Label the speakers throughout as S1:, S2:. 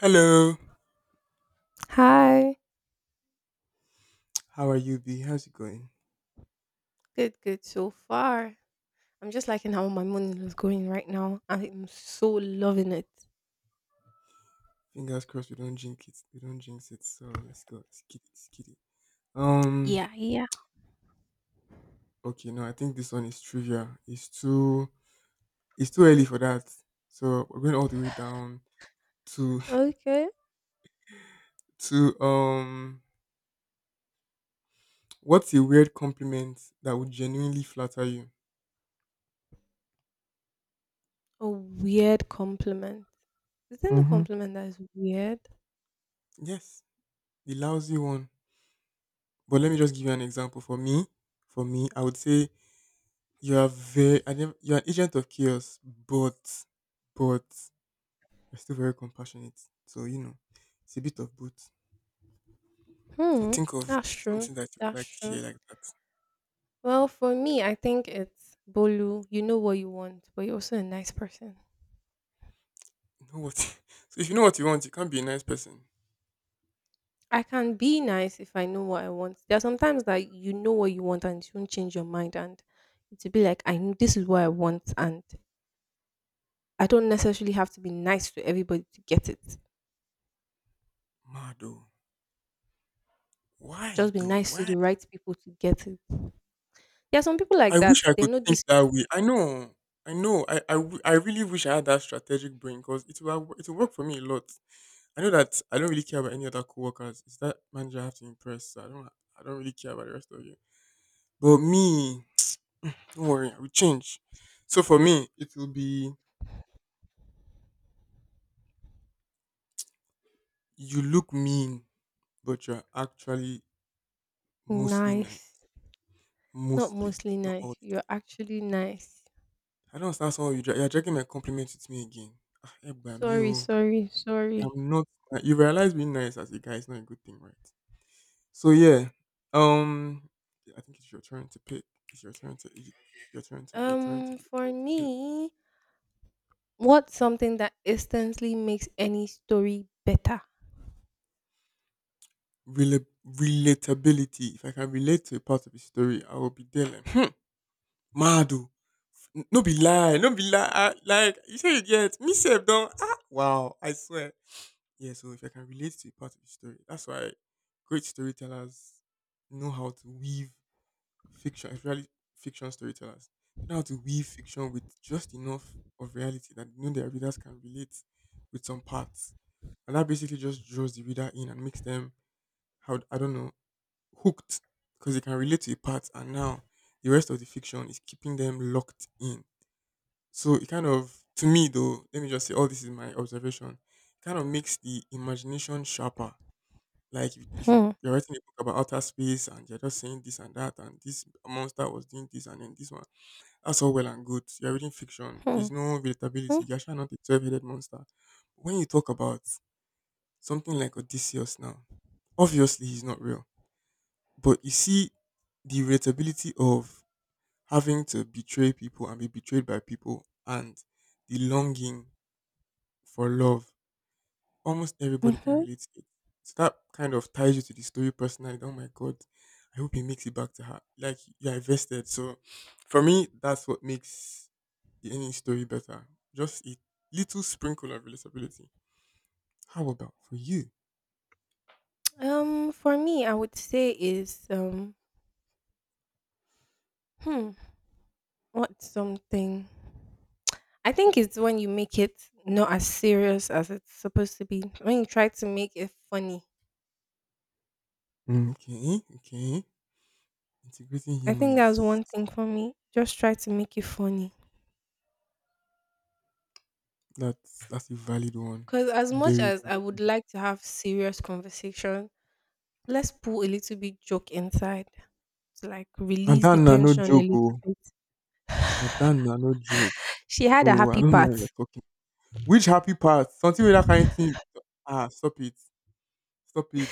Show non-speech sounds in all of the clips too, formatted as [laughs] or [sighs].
S1: Hello.
S2: Hi.
S1: How are you, B? How's it going?
S2: Good, good so far. I'm just liking how my morning is going right now. I'm so loving it.
S1: Fingers crossed we don't jinx it. We don't jinx it. So let's go. Let's get it. Let's get it. Um.
S2: Yeah, yeah.
S1: Okay. No, I think this one is trivia. It's too early for that. So we're going all the way down to
S2: Okay.
S1: [laughs] to. What's a weird compliment that would genuinely flatter you?
S2: A weird compliment. Isn't a
S1: Mm-hmm.
S2: compliment that is weird?
S1: Yes, the lousy one. But let me just give you an example. For me, I would say you are very. I never, you're an agent of chaos, but you're still very compassionate. So, it's a bit of both. So
S2: Hmm.
S1: think of
S2: That's true.
S1: something that you would
S2: That's
S1: like to hear
S2: true.
S1: like that.
S2: Well, for me, I think it's Bolu, you know what you want, but you're also a nice person.
S1: You know what? [laughs] So if you know what you want, you can't be a nice person.
S2: I can be nice if I know what I want. There are sometimes that you know what you want and you don't change your mind and it'll be like I know this is what I want and I don't necessarily have to be nice to everybody to get it.
S1: Mad though. Why
S2: Just be
S1: though?
S2: nice to
S1: Why?
S2: the right people to get it. There are some people
S1: I
S2: like
S1: wish
S2: that.
S1: I
S2: They
S1: could
S2: know
S1: think
S2: this
S1: that way. I know. I know. I really wish I had that strategic brain because it will work for me a lot. I know that I don't really care about any other coworkers. It's that manager I have to impress. So I don't really care about the rest of you. But me, don't worry, I will change. So for me, it will be, you look mean, but you're actually mostly nice.
S2: nice, not
S1: Mostly,
S2: mostly
S1: not
S2: nice.
S1: all the
S2: You're
S1: time.
S2: actually nice.
S1: I don't understand someone you're dragging my compliments with me again. Ah, eh, bam,
S2: Sorry,
S1: you.
S2: sorry, sorry.
S1: I'm not. You realize being nice as a guy is not a good thing, right? So yeah, um, I think it's your turn to pick. It's your turn to. Y-
S2: Um,
S1: Your
S2: for
S1: turn to pick.
S2: me, what's something that instantly makes any story better?
S1: Relatability. If I can relate to a part of the story, I will be there. Like. Mad oh! No be lie, no be lie. Like you say you get me sef don wow, I swear. Yeah, so if I can relate to a part of the story, that's why great storytellers know how to weave fiction, especially fiction storytellers. They know how to weave fiction with just enough of reality that you know their readers can relate with some parts. And that basically just draws the reader in and makes them, how, I don't know, hooked. Because they can relate to a part and now the rest of the fiction is keeping them locked in, so it kind of, to me though, let me just say, all this is my observation. It kind of makes the imagination sharper. Like if
S2: Hmm.
S1: you're writing a book about outer space and you're just saying this and that and this monster was doing this and then this one, that's all well and good. You're reading fiction.
S2: Hmm.
S1: There's no
S2: Hmm.
S1: relatability. You're actually not a 12-headed monster. When you talk about something like Odysseus now, obviously he's not real, but you see the relatability of having to betray people and be betrayed by people and the longing for love. Almost everybody can
S2: Mhm.
S1: relate to it. So that kind of ties you to the story personally. Oh my god, I hope he makes it back to her. Like you're invested. So for me, that's what makes any story better. Just a little sprinkle of relatability. How about for you?
S2: For me, I would say is hmm, what's something? I think it's when you make it not as serious as it's supposed to be. When you try to make it funny.
S1: Mm, okay, okay. Integrating
S2: I
S1: humor
S2: think that's
S1: is
S2: one thing for me. Just try to make it funny.
S1: that's a valid one.
S2: Because as much
S1: Very
S2: as I
S1: valid
S2: would
S1: one.
S2: like to have serious conversation, let's pull a little bit joke inside to like release
S1: Adan
S2: the
S1: na no
S2: tension a
S1: joke,
S2: little
S1: oh.
S2: bit.
S1: Adan na no joke.
S2: [laughs] She
S1: So
S2: had a
S1: I
S2: happy
S1: don't know what you're
S2: part.
S1: talking. Which happy part? Something with that kind of thing. Ah, stop it. Stop it.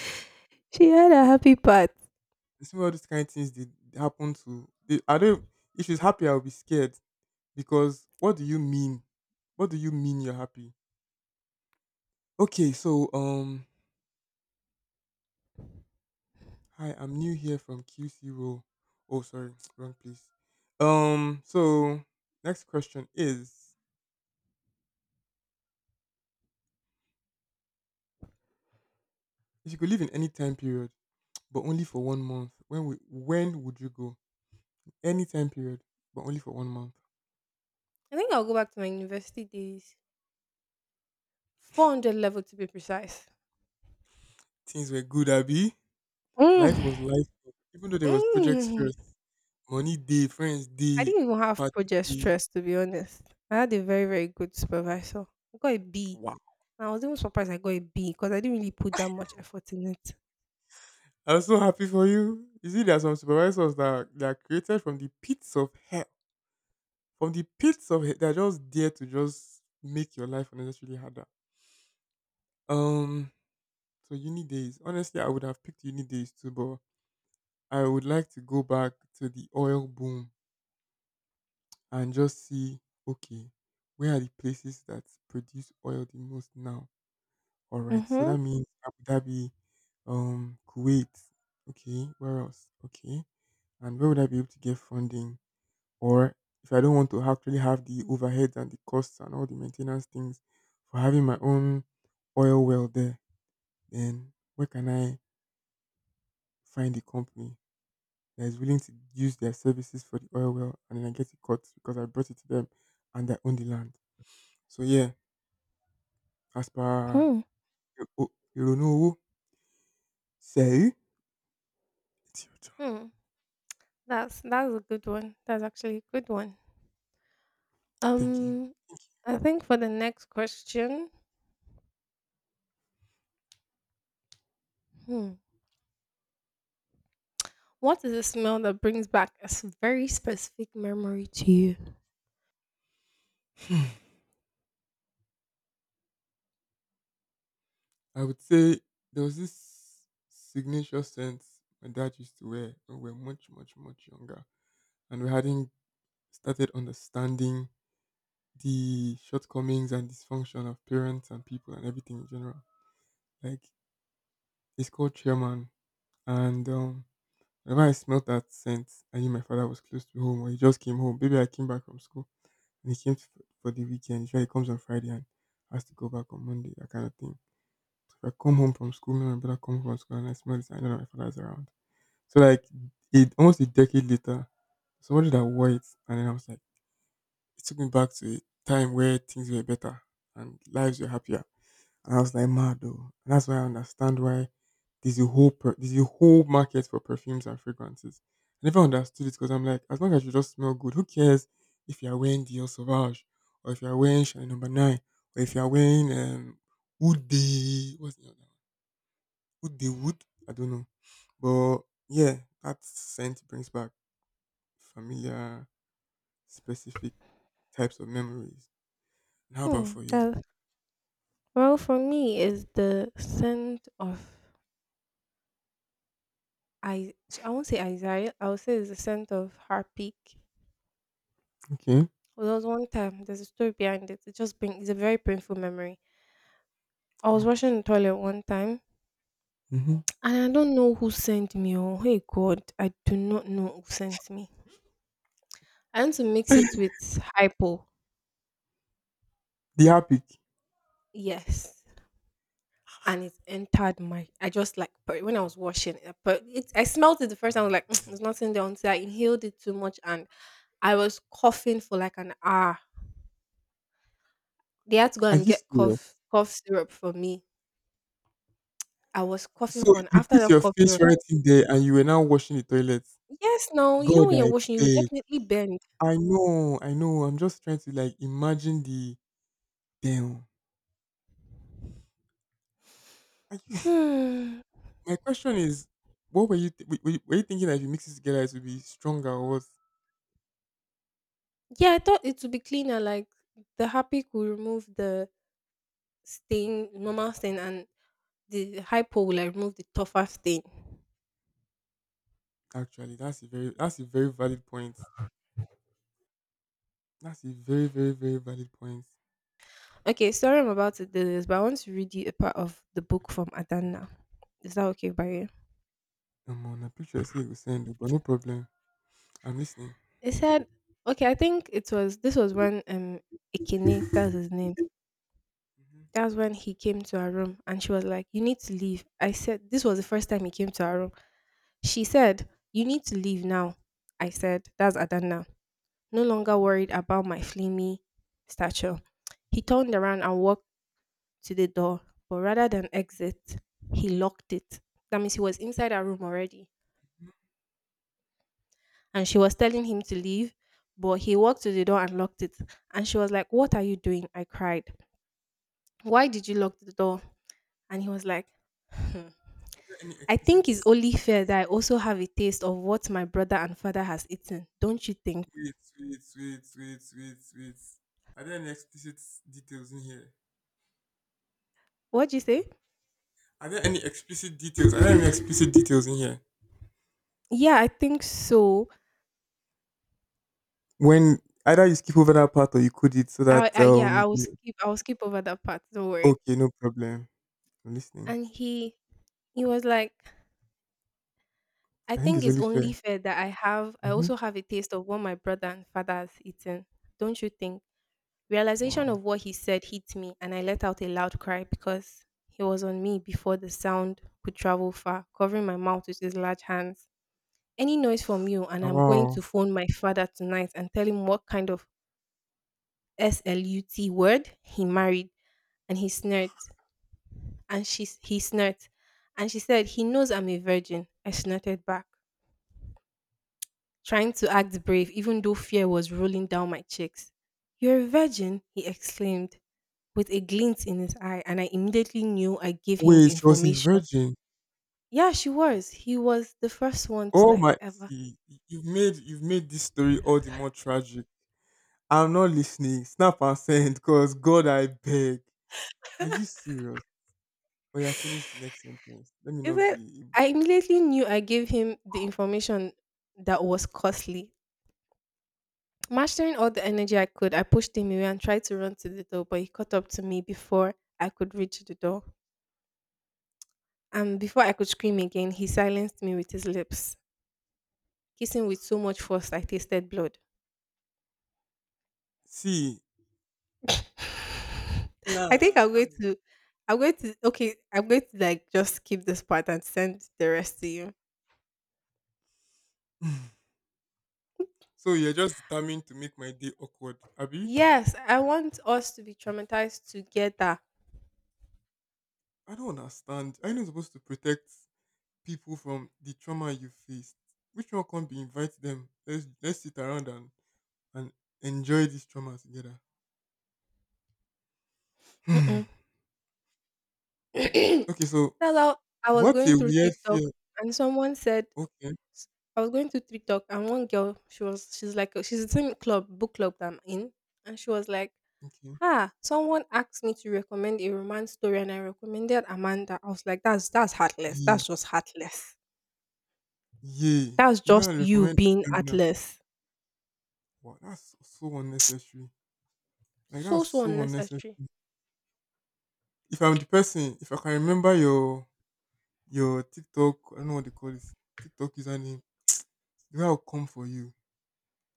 S2: She had a happy part.
S1: You see all these kind of things did happen to they, I don't, if she's happy I'll be scared, because what do you mean? What do you mean you're happy? Okay, so hi, I'm new here from QC Roll. Oh sorry, [tsk] wrong place. So next question is, if you could live in any time period [tsk] but only for one month, when would you go? Any time period, but only for one month.
S2: I think I'll go back to my university days. 400 level to be precise.
S1: Things were good, Abby.
S2: Mm.
S1: Life was life, even though there was project
S2: Mm.
S1: stress, money day, friends
S2: I
S1: day,
S2: didn't even have
S1: party
S2: project
S1: day.
S2: stress to be honest. I had a very, very good supervisor. I got a B.
S1: Wow.
S2: And I was even surprised I got a B because I didn't really put that much effort in it.
S1: I'm so happy for you. You see, there are some supervisors that are created from the pits of hell. From the pits of hell, they're just there to just make your life unnecessarily harder. Um, so uni days. Honestly, I would have picked uni days too, but I would like to go back to the oil boom and just see, okay, where are the places that produce oil the most now? All right. So
S2: Mm-hmm.
S1: that means Abu Dhabi, Kuwait. Okay. Where else? Okay. And where would I be able to get funding? Or if I don't want to actually have the overheads and the costs and all the maintenance things for having my own oil well there, then where can I find a company that is willing to use their services for the oil well, and then I get it cut because I brought it to them and they own the land. So yeah, as per
S2: Hmm.
S1: you know, say it's your turn.
S2: Hmm. That's a good one. That's actually a good one.
S1: Thank you.
S2: Um
S1: Thank
S2: I think for the next question, hmm, what is the smell that brings back a very specific memory to you?
S1: you. I would say there was this signature scent my dad used to wear when we were much, much, much younger, and we hadn't started understanding the shortcomings and dysfunction of parents and people and everything in general. Like, it's called chairman, and whenever I smelled that scent, I knew my father was close to home, or he just came home. Maybe I came back from school, and he came f for the weekend. Usually he comes on Friday and has to go back on Monday, that kind of thing. So if I come home from school, me and my brother come home from school, and I smell this, I know that my father's around. So like, it, almost a decade later, somebody that wore it, and then I was like, it took me back to a time where things were better and lives were happier. And I was like, mad though. And that's why I understand why there's a whole market for perfumes and fragrances. I never understood it because I'm like, as long as you just smell good, who cares if you're wearing Dior Sauvage or if you're wearing Chanel Number Nine or if you're wearing Wood de, what's the other one? Wood de Wood? I don't know. But yeah, that scent brings back familiar, specific types of memories. And how about
S2: Hmm,
S1: for you?
S2: that, well, for me, is the scent of I I won't say anxiety. I would say it's a sense of heartbeat.
S1: Okay.
S2: Well, there was one time. There's a story behind it. It just bring. It's a very painful memory. I was
S1: Ouch.
S2: washing the toilet one time,
S1: Hmm.
S2: and I don't know who sent me. Oh, hey God, I do not know who sent me. I had to mix it with hypo.
S1: The epic.
S2: Yes, and it entered my. I just like but when I was washing it, but it, I smelled it the first time. I was like, [tsk] there's nothing there until I inhaled it too much, and I was coughing for like an hour. They had to go
S1: Are
S2: and
S1: you
S2: get
S1: serious?
S2: cough syrup for me. I was coughing
S1: So
S2: for an
S1: you
S2: after
S1: put
S2: that
S1: your
S2: cough
S1: face
S2: syrup.
S1: right in there and you were now washing the toilet.
S2: Yes, no, you know
S1: God,
S2: when you're
S1: I
S2: washing, you will
S1: beg.
S2: definitely bend.
S1: I know, I know. I'm just trying to like imagine the damn. Are you?
S2: Hmm.
S1: [laughs] My question is, what were you, th- were you thinking, that if you mix it together, it would be stronger, or what?
S2: Yeah, I thought it would be cleaner. Like the happy could remove the stain, normal stain, and the hypo will like remove the tougher stain.
S1: Actually, that's a very valid point. That's a very very very valid point.
S2: Okay, sorry, I'm about to do this, but I want to read you a part of the book from Adana. Is that okay by you?
S1: Come on, I'm pretty sure I see you send it, but no problem. I'm listening.
S2: It said, okay, I think it was this was when Ikene, that's his name.
S1: Mm-hmm,
S2: That's when he came to our room and she was like, "You need to leave." I said this was the first time he came to our room. She said, "You need to leave now." I said, that's Adanna. No longer
S1: mm-hmm.
S2: worried about my flamey stature. He turned around and walked to the door, but rather than exit, he locked it. That means he was inside our room already.
S1: Are
S2: And she was telling him to leave, but he walked to the door and locked it. And she was like, "What are you doing?" I cried. "Why did you lock the door?" And he was like, "Hmm,
S1: there any
S2: I
S1: explicit?
S2: think it's only fair that I also have a taste of what my brother and father has eaten. Don't you think?"
S1: Wait, wait, wait, wait, wait, wait. Are there any explicit details in here?
S2: What'd you say?
S1: Are there any explicit details? Are there any explicit details in here?
S2: Yeah, I think so.
S1: When either you skip over that part, or you code it so
S2: I,
S1: that,
S2: I yeah, I will skip. I will skip over that part. Don't worry.
S1: okay, no problem. I'm listening.
S2: And he was like, "I
S1: I think
S2: think
S1: it's
S2: it's
S1: only
S2: only
S1: fair.
S2: fair that I have. I
S1: Mm-hmm.
S2: also have a taste of what my brother and father has eaten. Don't you think?" Realization
S1: Wow.
S2: of what he said hit me, and I let out a loud cry because he was on me before the sound could travel far, covering my mouth with his large hands. "Any noise from you, and
S1: Ah,
S2: I'm going
S1: wow.
S2: to phone my father tonight and tell him what kind of slut word he married." And he sneered. And he snorted. And she said, "He knows I'm a virgin." I snorted back, trying to act brave, even though fear was rolling down my cheeks. "You're a virgin," he exclaimed, with a glint in his eye, and I immediately knew I gave him the
S1: Wait, she was a
S2: information.
S1: virgin.
S2: Yeah, she was. He was the first one to
S1: Oh my!
S2: like ever.
S1: See, you've made this story all the more tragic. I'm not listening. Snap and send, because God, I beg. Are you serious? Or you have finished the next sentence. Let me
S2: Is
S1: not
S2: it?
S1: be.
S2: I immediately knew I gave him the information that was costly. Mastering all the energy I could, I pushed him away and tried to run to the door, but he caught up to me before I could reach the door, and before I could scream again, he silenced me with his lips, kissing with so much force I tasted blood.
S1: See.
S2: I think
S1: Nah, I can't be.
S2: I'm going to, okay, I'm going to like just keep this part and send the rest to you.
S1: [laughs] [sighs] So you're just determined to make my day awkward, Abby?
S2: Yes, I want us to be traumatized together.
S1: I don't understand. Are you not supposed to protect people from the trauma you faced? Which one, can't be, invite them? Let's sit around and enjoy this trauma together.
S2: Mm-mm.
S1: [sighs]
S2: [clears throat] That's
S1: Okay, so
S2: how I was
S1: what's a
S2: going through
S1: weird
S2: TikTok
S1: fear?
S2: and someone said,
S1: Okay,
S2: s- I was going to TikTok and one girl, she's like she's the same club book club that I'm in, and she was like,
S1: okay.
S2: "Ah, someone asked me to recommend a romance story, and I recommended Amanda." I was like, that's heartless. That's just heartless.
S1: Yeah,
S2: That's
S1: you're
S2: just
S1: gonna
S2: you
S1: recommend
S2: being
S1: Adana.
S2: heartless.
S1: Wow, that's so unnecessary. Like
S2: So
S1: that's
S2: so
S1: so unnecessary.
S2: unnecessary."
S1: If I'm the person, if I can remember your TikTok, I don't know what they call it, TikTok username, the guy will come for you.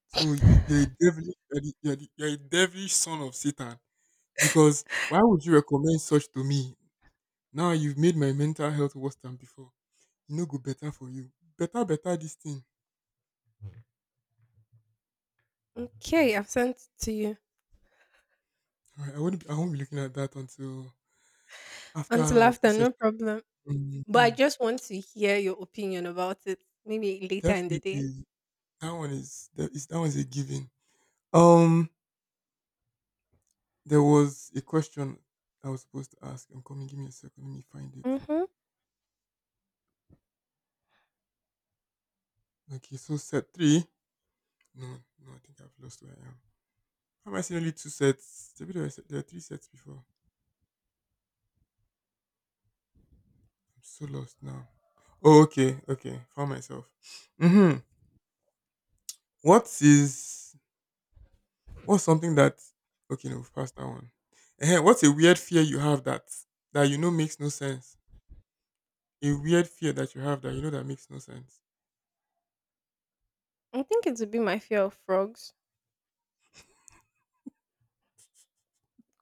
S1: So you're a devilish, you're a devilish son of Satan. Because why would you recommend such to me? Now you've made my mental health worse than before. You know, go better for you. Better, better this thing.
S2: Okay, I've sent it to you.
S1: Alright, I won't be looking at that until after
S2: Until
S1: our two
S2: after, no
S1: sessions.
S2: problem. But I
S1: Mhm.
S2: just want to hear your opinion about it. Maybe later in the day.
S1: Definitely. That one is that one's a given. Um there was a question I was supposed to ask. I'm coming, give me a second, let me find it.
S2: Mm-hmm.
S1: Okay, so set three. No, no, I think I've lost where I am. How am I seeing only two sets? There were three sets before. I'm so lost now. Oh, okay, okay. Found myself. Mm-hmm. What is what's something that okay no, We've passed that one. What's a weird fear you have that makes no sense? A weird fear that you have that that makes no sense.
S2: I think it would be my fear of frogs.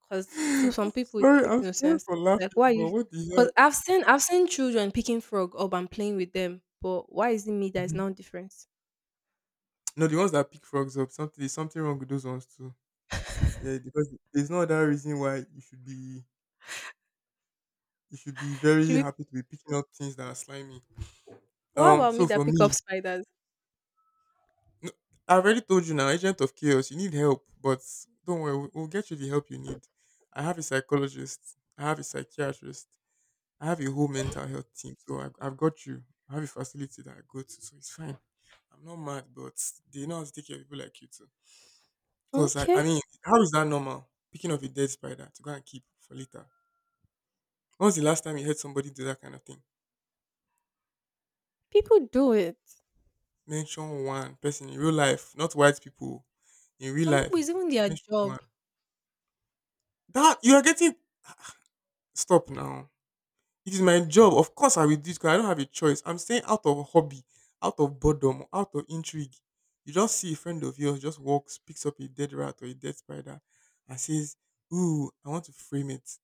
S2: 'Cause to
S1: I'm
S2: some people it makes
S1: I'm
S2: no
S1: sorry
S2: sense.
S1: for
S2: Like,
S1: laughing,
S2: why you?
S1: but
S2: Because
S1: what the hell?
S2: 'cause I've seen children picking frog up and playing with them, but why is it me that is
S1: Mhm.
S2: now different?
S1: No, the ones that pick frogs up, something there's something wrong with those ones too. Yeah, because there's no other reason why you should be
S2: Should
S1: very
S2: be
S1: happy to be picking up things that are slimy.
S2: what. Yeah.
S1: Um,
S2: About me
S1: so for
S2: that pick up
S1: me,
S2: spiders?
S1: no, I already told you now, agent of chaos, you need help, but don't worry, we'll get you the help you need. I have a psychologist, I have a psychiatrist. I have a whole mental health team, so I've got you. I have a facility that I go to, so it's fine. I'm not mad, but they know how to take care of people like you too. Because, I
S2: Okay,
S1: mean, how is that normal? Picking up a dead spider to go and keep for later. When was the last time you heard somebody do that kind of thing?
S2: people do it.
S1: Mention one person in real life, not white people, in real
S2: Some people
S1: life.
S2: is even their
S1: Mention one.
S2: job.
S1: That, you are getting, stop now. It is my job. Of course, I will do it 'cause I don't have a choice. I'm saying out of hobby, out of boredom, out of intrigue. You just see a friend of yours just walks, picks up a dead rat or a dead spider, and says, "Ooh, I want to frame it."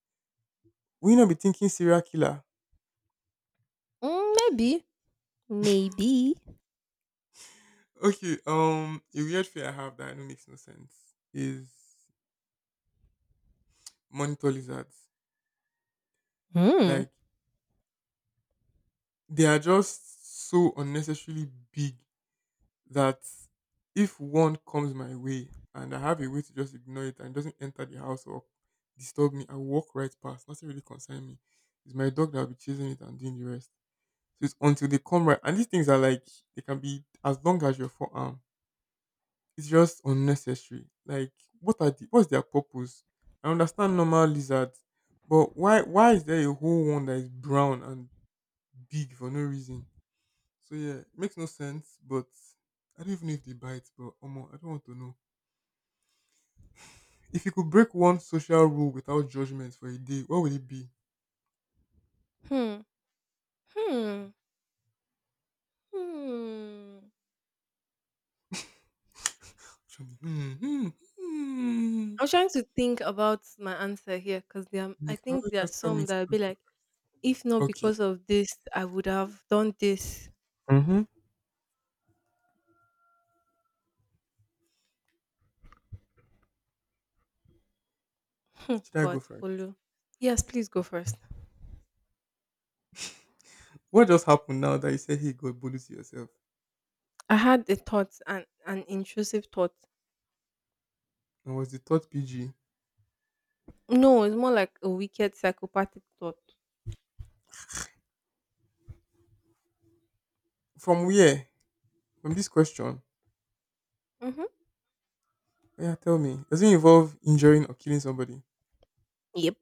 S1: Will you not be thinking serial killer?
S2: Mm, maybe, maybe.
S1: Okay. A weird fear I have that I know makes no sense is monitor lizards.
S2: Hmm.
S1: Like they are just so unnecessarily big that if one comes my way and I have a way to just ignore it and it doesn't enter the house or disturb me, I walk right past. Nothing really concern me. It's my dog that'll be chasing it and doing the rest. So it's until they come right. And these things are like they can be as long as your forearm. It's just unnecessary. Like what's their purpose? I understand normal lizards, but why is there a whole one that is brown and big for no reason? So yeah, it makes no sense, but I don't even know if they bite, but Omo, I don't want to know. If you could break one social rule without judgment for a day, what would it be? [sighs]
S2: Hmm. Hmm. Hmm.
S1: [laughs] Actually, hmm.
S2: I'm trying to think about my answer here because
S1: You
S2: I
S1: can
S2: think
S1: always
S2: there are
S1: just tell me
S2: some
S1: to
S2: that will be
S1: answer.
S2: like, if not
S1: Okay.
S2: because of this, I would have done this.
S1: Mm-hmm.
S2: Hmm,
S1: Should I go
S2: God,
S1: first?
S2: Bolu. Yes, please go first.
S1: What just happened now that you said hey God bully to yourself?
S2: I had a thought, an intrusive thought.
S1: And was the thought PG?
S2: No, it's more like a wicked psychopathic thought.
S1: From where? From this question.
S2: Mm-hmm.
S1: Oh, yeah, tell me. Does it involve injuring or killing somebody?
S2: Yep.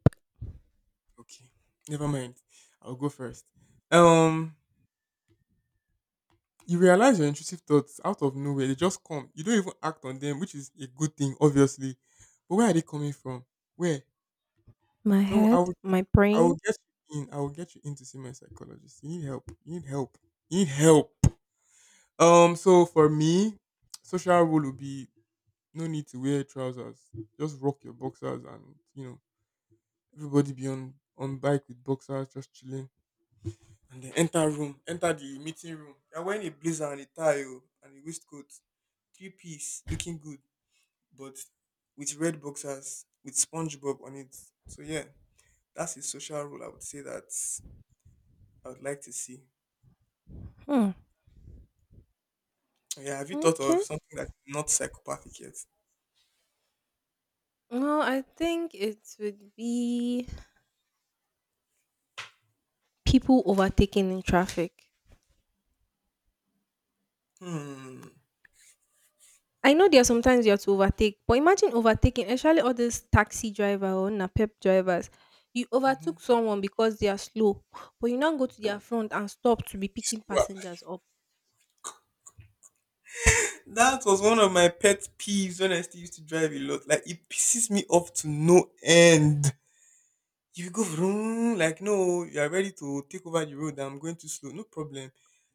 S1: Okay. Never mind. I'll go first. Um you realize your intrusive thoughts out of nowhere. They just come. You don't even act on them, which is a good thing, obviously. But where are they coming from? Where?
S2: My
S1: No,
S2: head, my
S1: I will
S2: brain.
S1: get you in. I will get you in to see my psychologist. You need help. You need help. You need help. So for me, social rule would be no need to wear trousers. Just rock your boxers and everybody be on bike with boxers, just chilling. And then enter the meeting room. You're wearing a blazer and a tie oh, and a waistcoat, three-piece, looking good, but with red boxers with SpongeBob on it. So yeah, that's a social role. I would say that I would like to see.
S2: Hmm.
S1: Yeah, have you thought of
S2: Okay.
S1: something that's not psychopathic yet?
S2: No, I think it would be people overtaking in traffic.
S1: Hmm.
S2: I know there are sometimes you have to overtake, but imagine overtaking, especially all these taxi driver or napep drivers. You overtook someone because they are slow, but you now go to their front and stop to be picking
S1: Wow.
S2: passengers up.
S1: That was one of my pet peeves when I still used to drive a lot. Like it pisses me off to no end. If you go [laughs] vroom, like no, you are ready to take over the road. I'm going too slow, no problem.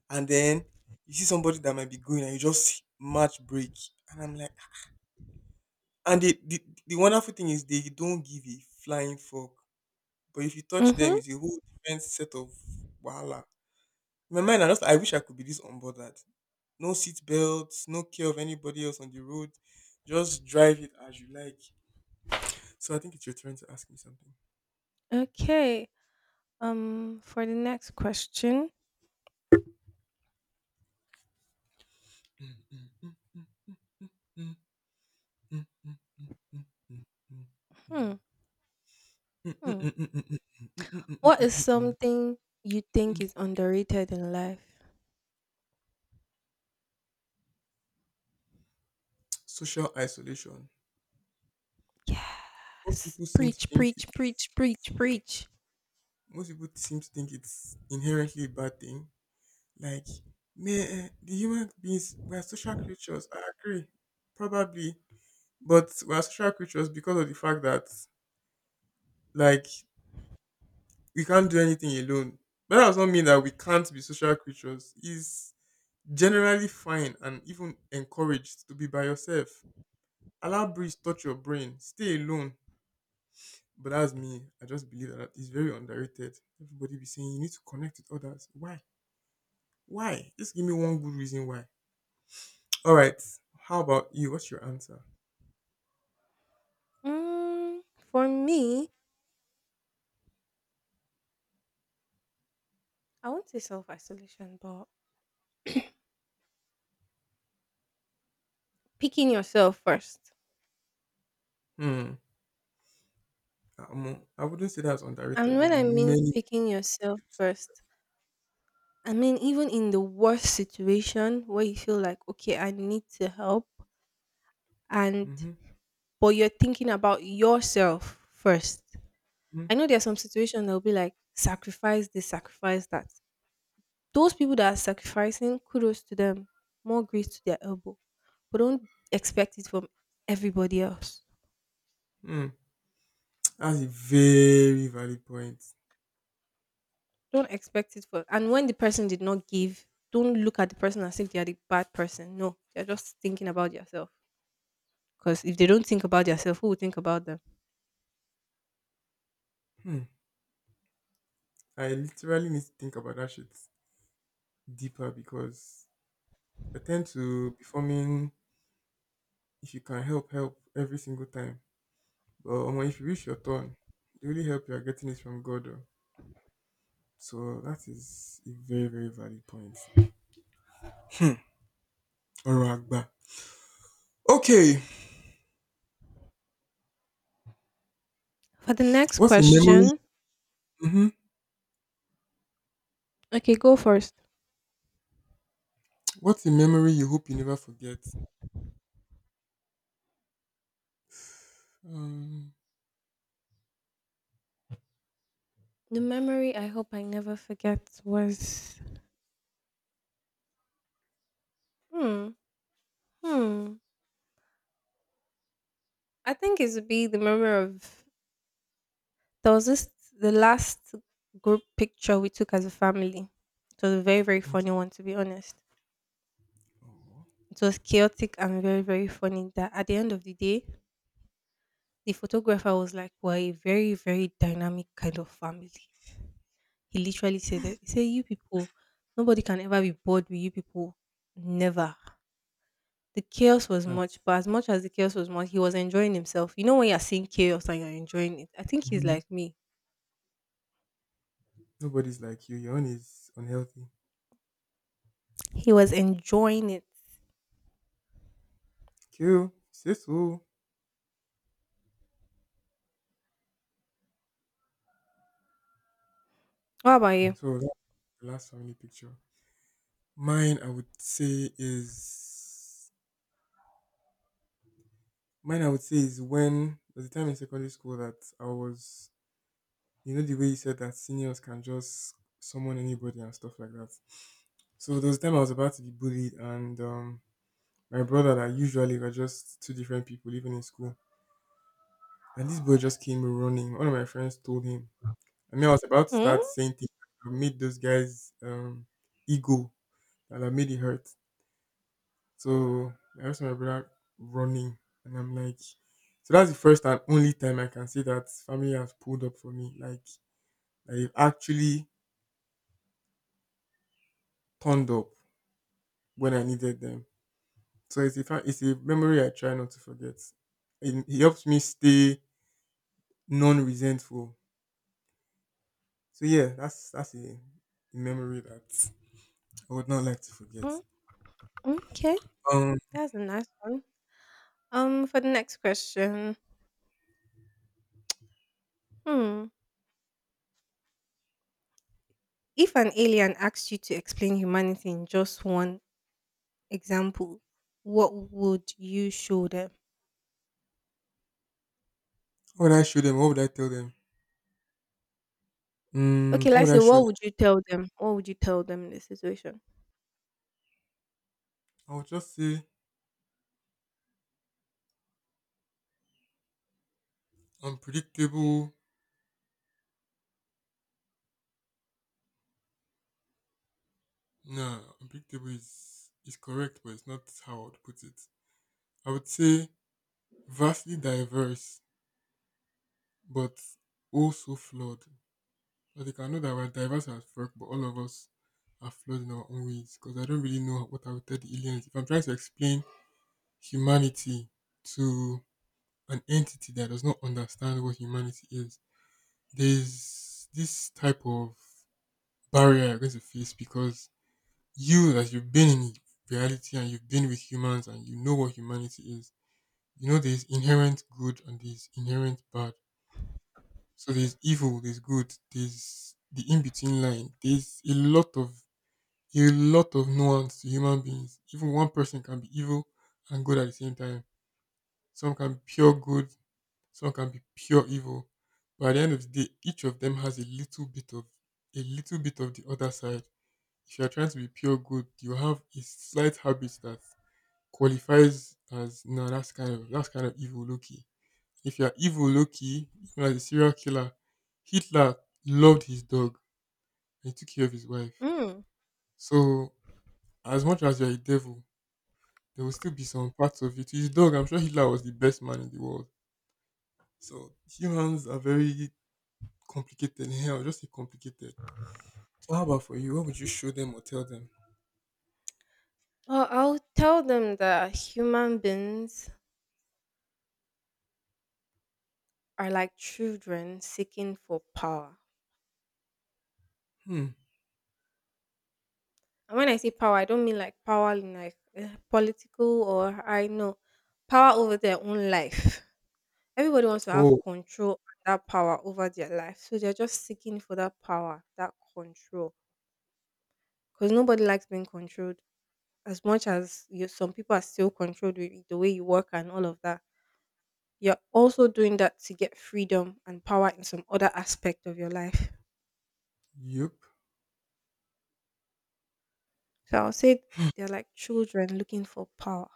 S1: And then you see somebody that might be going, and you just match break. And I'm like, ah. And the wonderful thing is they don't give a flying fuck. But if you touch them,
S2: Mhm.
S1: it's a whole different set of wahala. In my mind, I wish I could be this unbothered. No seat belts, no care of anybody else on the road. Just drive it as you like. So I think it's your turn to ask me something.
S2: Okay. For the next question,
S1: Mm, mm, mm, mm, mm, mm, mm,
S2: hmm,
S1: mm. [laughs] Mm, mm,
S2: hmm.
S1: mm, mm, mm, mm, mm, mm,
S2: What is
S1: mm, mm, mm.
S2: something you think is underrated in life?
S1: Social isolation. Most
S2: Yes.
S1: people seem to
S2: Preach,
S1: think it,
S2: preach, preach, preach, preach.
S1: Most people seem to think it's inherently a bad thing. Like, may the human beings we are social creatures. I agree, probably, but we are social creatures because of the fact that like we can't do anything alone. But that does not mean that we can't be social creatures. It's generally fine and even encouraged to be by yourself. Allow breeze touch your brain. Stay alone. But that's me. I just believe that it's very underrated. Everybody be saying you need to connect with others. Why? Why? Just give me one good reason why. All right. How about you? What's your answer?
S2: Mm, for me, I won't say self isolation, but picking yourself first.
S1: Hmm. Amo, I wouldn't say that's
S2: And
S1: underrated. Though.
S2: when I mean
S1: Many.
S2: picking yourself first, I mean even in the worst situation where you feel like, okay, I need to help, and
S1: Mm-hmm.
S2: but you're thinking about yourself first.
S1: Mm-hmm.
S2: I know there's some situation that will be like sacrifice this, sacrifice that. Those people that are sacrificing, kudos to them, more grace to their elbow. But don't expect it from everybody else.
S1: Hmm. That's a very valid point.
S2: Don't expect it for. And when the person did not give, don't look at the person as if they are the bad person. No, they're just thinking about yourself. Because if they don't think about yourself, who will think about them?
S1: Hmm. I literally need to think about that shit deeper because I tend to be forming if you can help, help every single time. But if you reach your turn, the only help you are getting is from God. Oh. So that is a very, very valid point. Hmm. Oragba. Okay.
S2: For the next
S1: What's a memory?
S2: question,
S1: Hmm.
S2: okay, go first.
S1: What's a memory you hope you never forget? Um.
S2: The memory I hope I never forget was. Hmm. Hmm. I think it would be the memory of there was this the last group picture we took as a family. It was a very, very
S1: Okay.
S2: funny one to be honest.
S1: Oh,
S2: It was chaotic and very, very funny that at the end of the day, the photographer was like, "We're a very, very dynamic kind of family." He literally said that. He said, "You people, nobody can ever be bored with you people. Never." The chaos was much,
S1: that's
S2: but as much as the chaos was much, he was enjoying himself. You know when you're seeing chaos and you're enjoying it. I think he's
S1: mhm.
S2: like me.
S1: Nobody's like you. Your own is unhealthy.
S2: He was enjoying it.
S1: Kill. Say so.
S2: What about you?
S1: So that's the last family picture. Mine, I would say is Mine. I would say is when there's a time in secondary school that I was, you know, the way you said that seniors can just summon anybody and stuff like that. So those time I was about to be bullied, and my brother and I usually were just two different people, even in school. And this boy just came running. One of my friends told him. I mean, I was about to
S2: Hmm?
S1: start saying things that made those guys' ego and I made it hurt. So I asked my brother running, and I'm like, so that's the first and only time I can say that family has pulled up for me. Like, they've actually turned up when I needed them. So it's a it's a memory I try not to forget. It helps me stay non-resentful. So yeah, that's a memory that I would not like to forget.
S2: Hmm? Okay,
S1: Um,
S2: that's a nice one. For the next question, hmm, if an alien asked you to explain humanity in just one example, what would you show them?
S1: what would I show them? What would I tell them? Mm,
S2: Okay,
S1: what would
S2: let's
S1: I
S2: say
S1: show them?
S2: what would you tell them? What would you tell them in this situation?
S1: I would just say unpredictable. Nah, unpredictable is correct, but it's not how I would put it. I would say vastly diverse, but also flawed. But they can know that we're diverse as fuck, but all of us are flawed in our own ways. Because I don't really know what I would tell the aliens. If I'm trying to explain humanity to an entity that does not understand what humanity is, there's this type of barrier you're going to face because you, as you've been in reality and you've been with humans and you know what humanity is, you know there's inherent good and there's inherent bad. So there's evil, there's good, there's the in between line. There's a lot of nuance to human beings. Even one person can be evil and good at the same time. Some can be pure good, some can be pure evil. But at the end of the day, each of them has a little bit of the other side. If you are trying to be pure good, you have a slight habit that qualifies as no, that's kind of evil Loki. If you are evil Loki, even as a serial killer, Hitler loved his dog and he took care of his wife.
S2: Mm.
S1: So as much as you're a devil, there will still be some parts of it. His dog, I'm sure Hitler was the best man in the world. So humans are very complicated. [laughs] Hell, just say complicated. So how about for you? What would you show them or tell them?
S2: Well, I'll tell them that human beings are like children seeking for power.
S1: Hmm.
S2: And when I say power, I don't mean like power in like political, or I know, power over their own life. Everybody wants to have
S1: Oh,
S2: control and that power over their life. So they're just seeking for that power, that control. Because nobody likes being controlled. As much as you, some people are still controlled with the way you work and all of that, you're also doing that to get freedom and power in some other aspect of your life.
S1: yep.
S2: So I'll say they're like children looking for power.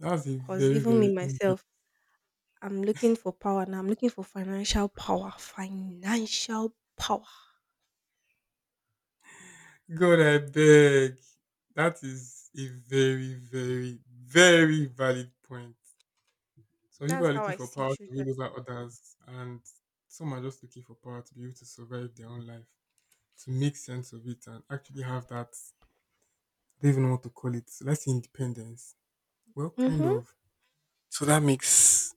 S1: That's a
S2: Because
S1: very,
S2: even me
S1: very in-depth.
S2: myself, I'm looking for power, and I'm looking for financial power. Financial power.
S1: God, I beg. That is a very, very, very valid point. Some people
S2: That's
S1: are
S2: how
S1: looking
S2: I
S1: for
S2: see
S1: power to
S2: children.
S1: rule over others, and some are just looking for power to be able to survive their own life, to make sense of it, and actually have that don't even know what to call it. Let's say independence. Well, kind
S2: Mm-hmm.
S1: of. So that makes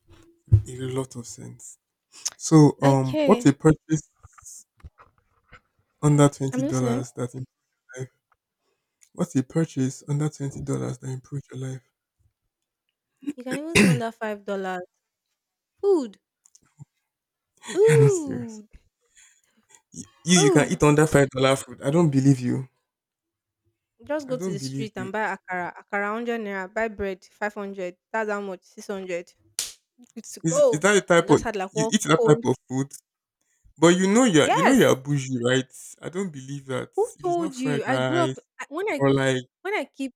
S1: a lot of sense. So, what's a
S2: Okay.
S1: purchase under twenty
S2: I'm listening.
S1: dollars that improved your life? What's a purchase under $20 that improved your life?
S2: You can even say under $5. Food.
S1: [laughs] You're not serious.
S2: Food.
S1: You can eat
S2: Food.
S1: under $5 food. I don't believe you.
S2: Just
S1: I
S2: go to
S1: don't
S2: the
S1: believe
S2: street
S1: you.
S2: and buy akara. Akara 100 naira. Buy bread. 500. That's how much. 600. Good to
S1: Is
S2: go.
S1: that a
S2: I
S1: type of
S2: just had like
S1: you
S2: one
S1: eat that type
S2: cold.
S1: of food? But you know you're
S2: Yes.
S1: bougie, right? I don't believe that.
S2: Who
S1: If it's not
S2: told
S1: fried
S2: you? I grew
S1: rice
S2: up I- when I
S1: or like
S2: When I keep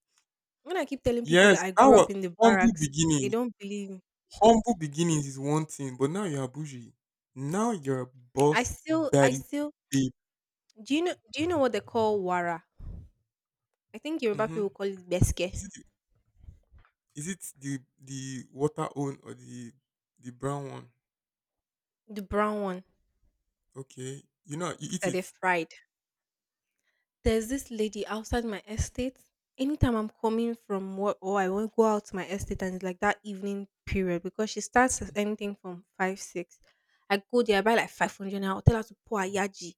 S2: when I keep telling people
S1: yes,
S2: that I
S1: that
S2: grew
S1: was
S2: up in the
S1: humble
S2: barracks, they
S1: beginnings.
S2: don't believe me.
S1: Humble beginnings is one thing, but now you're bougie. Now you're a boss
S2: I
S1: daddy
S2: still
S1: babe.
S2: Do you know what they call wara? I think Yoruba
S1: Mm-hmm.
S2: people call it
S1: Is
S2: beske,
S1: it the- is it the water one or the brown one?
S2: the brown one
S1: Okay, you know you eat
S2: that
S1: it.
S2: they fried. There's this lady outside my estate. Anytime I'm coming from work, or I won't go out to my estate, and it's like that evening period, because she starts as anything from five, six. I go there, I buy like 500 and I'll tell her to pour a yaji.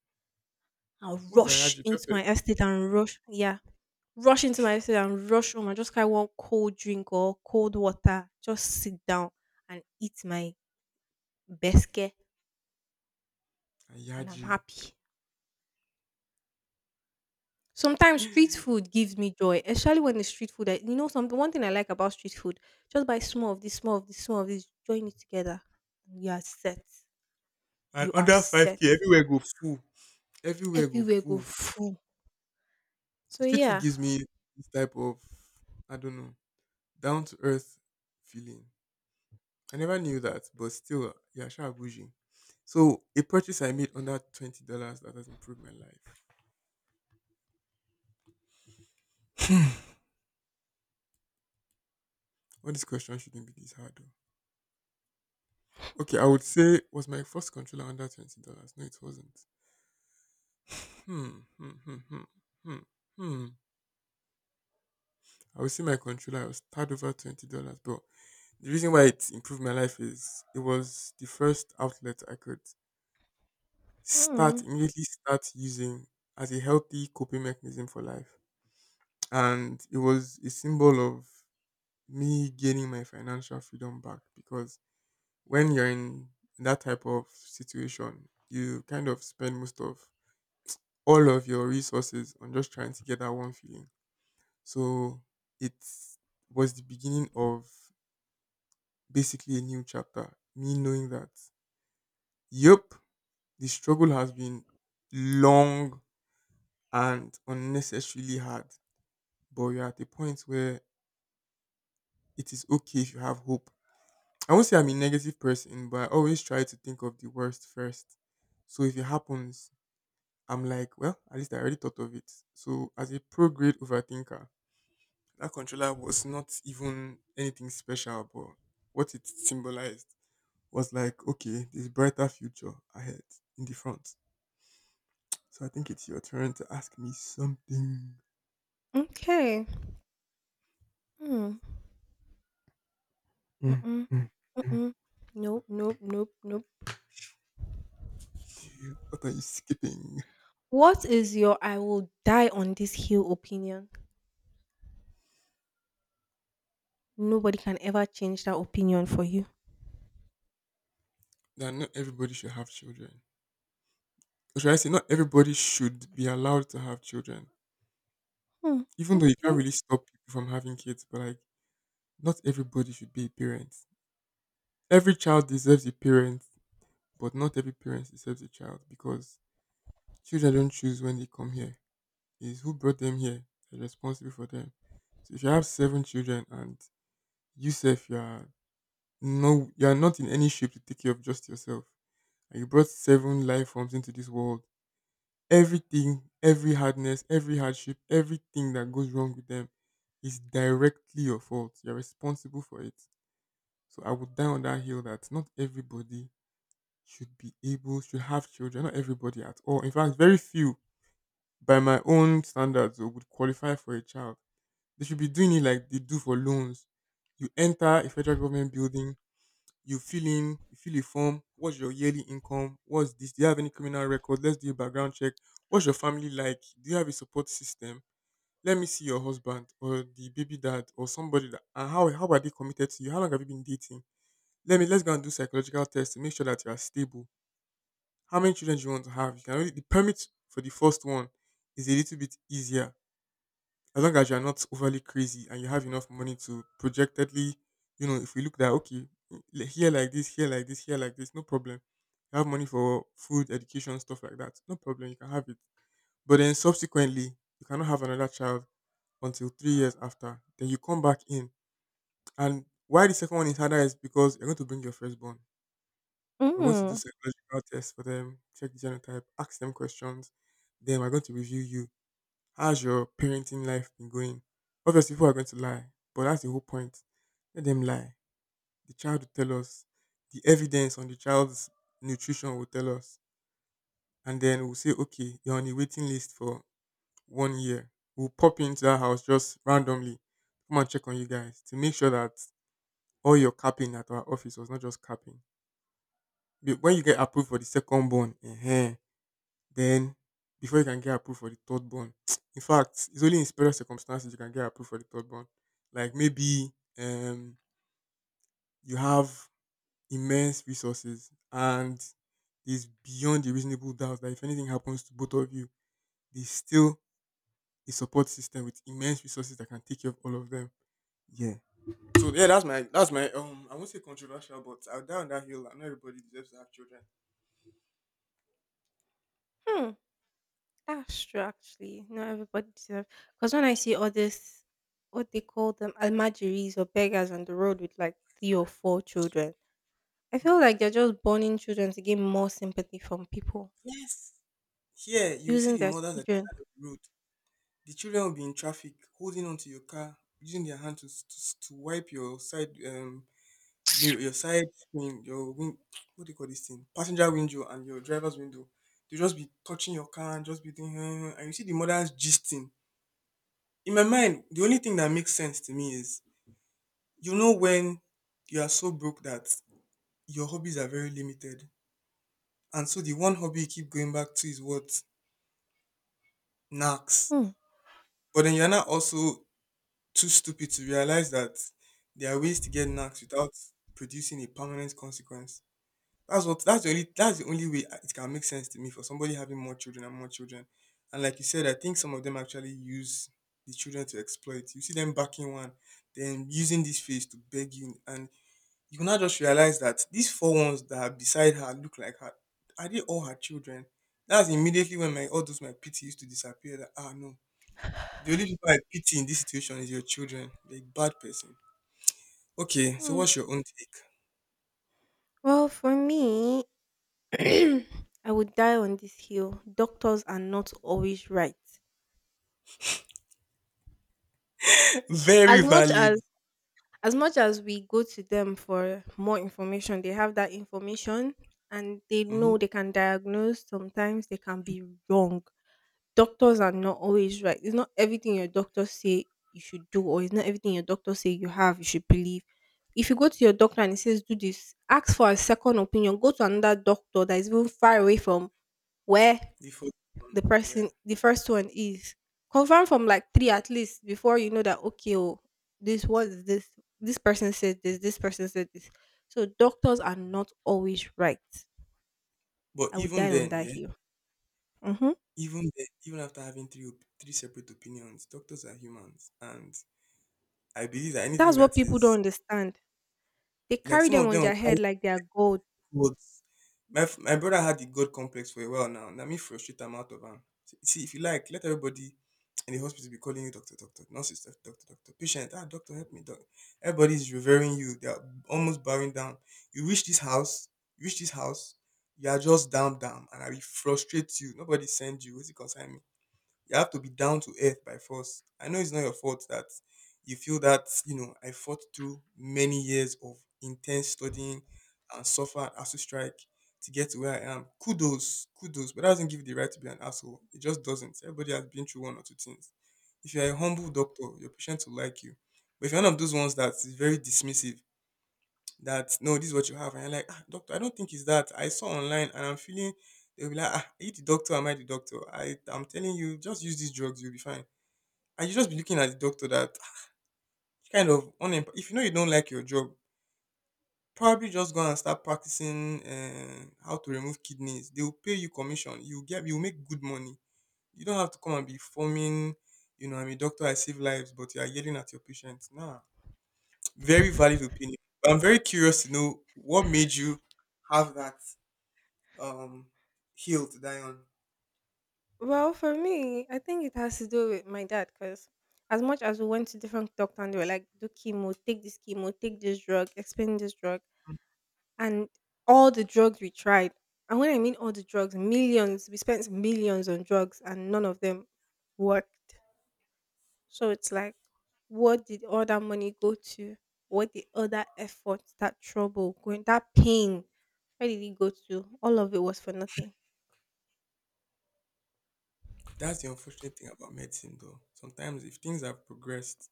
S2: I'll
S1: What's
S2: rush
S1: ayaji
S2: into
S1: pepper?
S2: my estate and rush. Yeah. Rush into my seat and rush home and just carry one cold drink or cold water, just sit down and eat my biscuit and I'm
S1: Ayaji.
S2: happy. Sometimes street food gives me joy, especially when the street food. Something. One thing I like about street food, just buy small of this, small of this, small of this, join it together, and you are set.
S1: And
S2: You are
S1: under five
S2: set.
S1: k, everywhere go full. Everywhere go
S2: Everywhere go
S1: full.
S2: full. So
S1: Street food
S2: yeah.
S1: gives me this type of I don't know down to earth feeling. I never knew that, but still, yeah, sure, bougie. So a purchase I made under $20 that has improved my life. [laughs] All these questions shouldn't be this hard, though. Okay, I would say was my first controller under $20. No, it wasn't. Hmm, hmm, hmm, hmm, hmm. hmm. I would say my controller was tad over $20, but the reason why it improved my life is it was the first outlet I could
S2: Mm,
S1: start using as a healthy coping mechanism for life, and it was a symbol of me gaining my financial freedom back because when you're in that type of situation, you kind of spend most of all of your resources on just trying to get that one feeling. So it was the beginning of basically a new chapter. Me knowing that, yep, the struggle has been long and unnecessarily hard, but you're at a point where it is okay if you have hope. I won't say I'm a negative person, but I always try to think of the worst first. So if it happens, I'm like, well, at least I already thought of it. So as a pro grade overthinker, that controller was not even anything special, but what it symbolized was like, okay, there's brighter future ahead in the front. So I think it's your turn to ask me something.
S2: okay. Mm,
S1: Mm,
S2: mm-mm,
S1: mm, mm.
S2: mm-mm. Nope. Nope. Nope. Nope.
S1: What are you skipping?
S2: What is your "I will die on this hill" opinion? Nobody can ever change that opinion for you.
S1: That not everybody should have children. Or should I say, not everybody should be allowed to have children.
S2: Hmm.
S1: Even though you can't
S2: Okay.
S1: really stop people from having kids, but like not everybody should be a parent. Every child deserves a parent, but not every parent deserves a child because children don't choose when they come here. It's who brought them here. They're responsible for them. So if you have seven children and yourself, you are no, you are not in any shape to take care of just yourself. And you brought seven life forms into this world. Everything, every hardness, every hardship, everything that goes wrong with them is directly your fault. You're responsible for it. So I would die on that hill that not everybody should be able should have children. Not everybody at all. In fact, very few by my own standards though, would qualify for a child. They should be doing it like they do for loans. You enter a federal government building, you fill a form. What's your yearly income? What's this? Do you have any criminal record? Let's do a background check. What's your family like? Do you have a support system? Let me see your husband or the baby dad or somebody that. And how are they committed to you? How long have you been dating? Let's go and do psychological tests to make sure that you are stable. How many children do you want to have? You can only the permit for the first one is a little bit easier as long as you are not overly crazy and you have enough money to projectedly, you know, if we look that okay, here like this, here like this, here like this, no problem. You have money for food, education, stuff like that, no problem. You can have it. But then subsequently, you cannot have another child until 3 years after. Then you come back in, and why the second one is harder is because you're going to bring your firstborn. We're going to do
S2: Mm.
S1: psychological tests for them, check the genotype, ask them questions. Then we're going to review you. How's your parenting life been going? Obviously, people are going to lie, but that's the whole point. Let them lie. The child will tell us. The evidence on the child's nutrition will tell us. And then we'll say, okay, you're on a waiting list for 1 year. We'll pop into our house just randomly. Come and check on you guys to make sure that all your capping at our office was not just capping. When you get approved for the second born, eh? Then before you can get approved for the third born, [tsk] in fact, it's only in special circumstances you can get approved for the third born. Like maybe um you have immense resources and it's beyond a reasonable doubt that if anything happens to both of you, there's still a support system with immense resources that can take care of all of them. Yeah. So yeah, that's my I won't say controversial, but I'll die on that hill. Not everybody deserves to have children.
S2: Hmm. That's true, actually. Not everybody deserves. Because when I see all this, what they call them, almajiris or beggars on the road with like three or four children, I feel like they're just burning children to gain more sympathy from people,
S1: Yes. Here you see
S2: using
S1: the
S2: their
S1: mothers at the
S2: children.
S1: side of the road. The children will be in traffic, holding onto your car, using their hand to wipe your side mirror, your side screen, your what do you call this thing? Passenger window and your driver's window. They'll just be touching your car and just be doing, "Hmm," and you see the mothers gisting. In my mind, the only thing that makes sense to me is you know when you are so broke that your hobbies are very limited, and so the one hobby you keep going back to is what knacks.
S2: Hmm.
S1: But then you're not also too stupid to realize that there are ways to get knacks without producing a permanent consequence. That's the only way it can make sense to me for somebody having more children. And like you said, I think some of them actually use the children to exploit. You see them backing one, then using this face to beg you, and you will not just realize that these four ones that are beside her look like her. Are they all her children? That's immediately when my all those my pity used to disappear. That ah no, the only people I pity in this situation is your children. They're a bad person. Okay, so
S2: Hmm.
S1: what's your own take?
S2: Well, for me, [clears throat] I would die on this hill. Doctors are not always right.
S1: [laughs]
S2: as
S1: Very
S2: much
S1: valid.
S2: as as much as we go to them for more information, they have that information and they
S1: Hmm.
S2: know they can diagnose, sometimes they can be wrong. Doctors are not always right. It's not everything your doctor say you should do, or it's not everything your doctor say you have you should believe. If you go to your doctor and he says do this, ask for a second opinion. Go to another doctor that is even far away from where
S1: The fourth one,
S2: the
S1: yeah.
S2: person, the first one, is. Confirm from like three at least before you know that, okay, oh, this was this, this person said this, this person said this. So doctors are not always right.
S1: But
S2: I would
S1: even
S2: die on
S1: then,
S2: that
S1: yeah,
S2: hill. Hmm.
S1: even then, even after having three separate opinions, doctors are humans, and I believe that anything
S2: That's what
S1: that
S2: people don't
S1: is
S2: understand. They
S1: like
S2: carry
S1: some
S2: them
S1: of
S2: on
S1: them
S2: their
S1: will
S2: head like they are gold.
S1: But my brother had the god complex for a while now. Let me frustrate him out of him. See, if you like, let everybody in the hospital be calling you doctor, doctor, Nurses, doctor, doctor, doctor, patient. Ah, doctor, help me, doctor. Everybody's revering you. They're almost bowing down. You reach this house, you reach this house, you are just down, down, and I will frustrate you. Nobody send you. What's it concern you have to be down to earth by force. I know it's not your fault that you feel that, you know, I fought through many years of intense studying and suffered ASU strike to get to where I am. Kudos, kudos. But that doesn't give you the right to be an asshole. It just doesn't. Everybody has been through one or two things. If you're a humble doctor, your patient will like you. But if you're one of those ones that is very dismissive, that no, this is what you have. And you're like, ah, doctor, I don't think it's that. I saw online and I'm feeling they'll be like, ah, are you the doctor? Am I the doctor? I'm telling you, just use these drugs, you'll be fine. And you just be looking at the doctor that ah, kind of if you know you don't like your job, probably just go and start practicing how to remove kidneys. They will pay you commission. You make good money. You don't have to come and be forming, you know, I'm a doctor, I save lives, but you are yelling at your patients. Nah. Very valid opinion. But I'm very curious to know what made you have that um heal to die on.
S2: Well, for me, I think it has to do with my dad. Because as much as we went to different doctors, and they were like do chemo, take this chemo, take this drug, explain this drug, and all the drugs we tried, and when I mean all the drugs, millions, we spent millions on drugs, and none of them worked. So it's like, what did all that money go to? What did all that effort, that trouble going, that pain, where did it go to? All of it was for nothing.
S1: That's the unfortunate thing about medicine, though. Sometimes if things have progressed,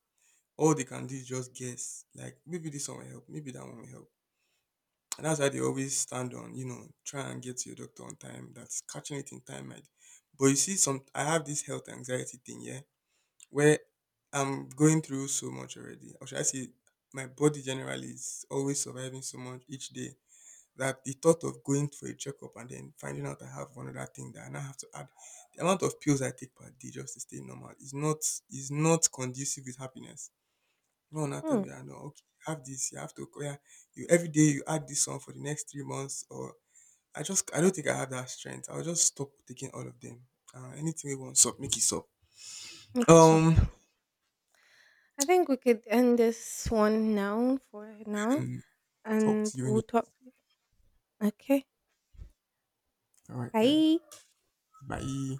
S1: all they can do is just guess. Like maybe this one will help, maybe that one will help, and that's why they always stand on. You know, try and get to your doctor on time. That's catching it in time, might. But you see, some I have this health anxiety thing, yeah, where I'm going through so much already. Or should I say, my body generally is always surviving so much each day that the thought of going for a checkup and then finding out I have one other thing that I now have to add, the amount of pills I take per day just to stay normal is not conducive with happiness. No one now tell
S2: Hmm.
S1: me that no, okay, you have this, you have to yeah, you every day you add this one for the next 3 months or I don't think I have that strength. I'll just stop taking all of them. Anything we want sup, make it sup.
S2: Make it
S1: Um
S2: up. I think we could end this one now for now,
S1: and talk
S2: and
S1: to you in
S2: we'll
S1: the
S2: talk. Okay,
S1: all right then.
S2: bye.
S1: Bye.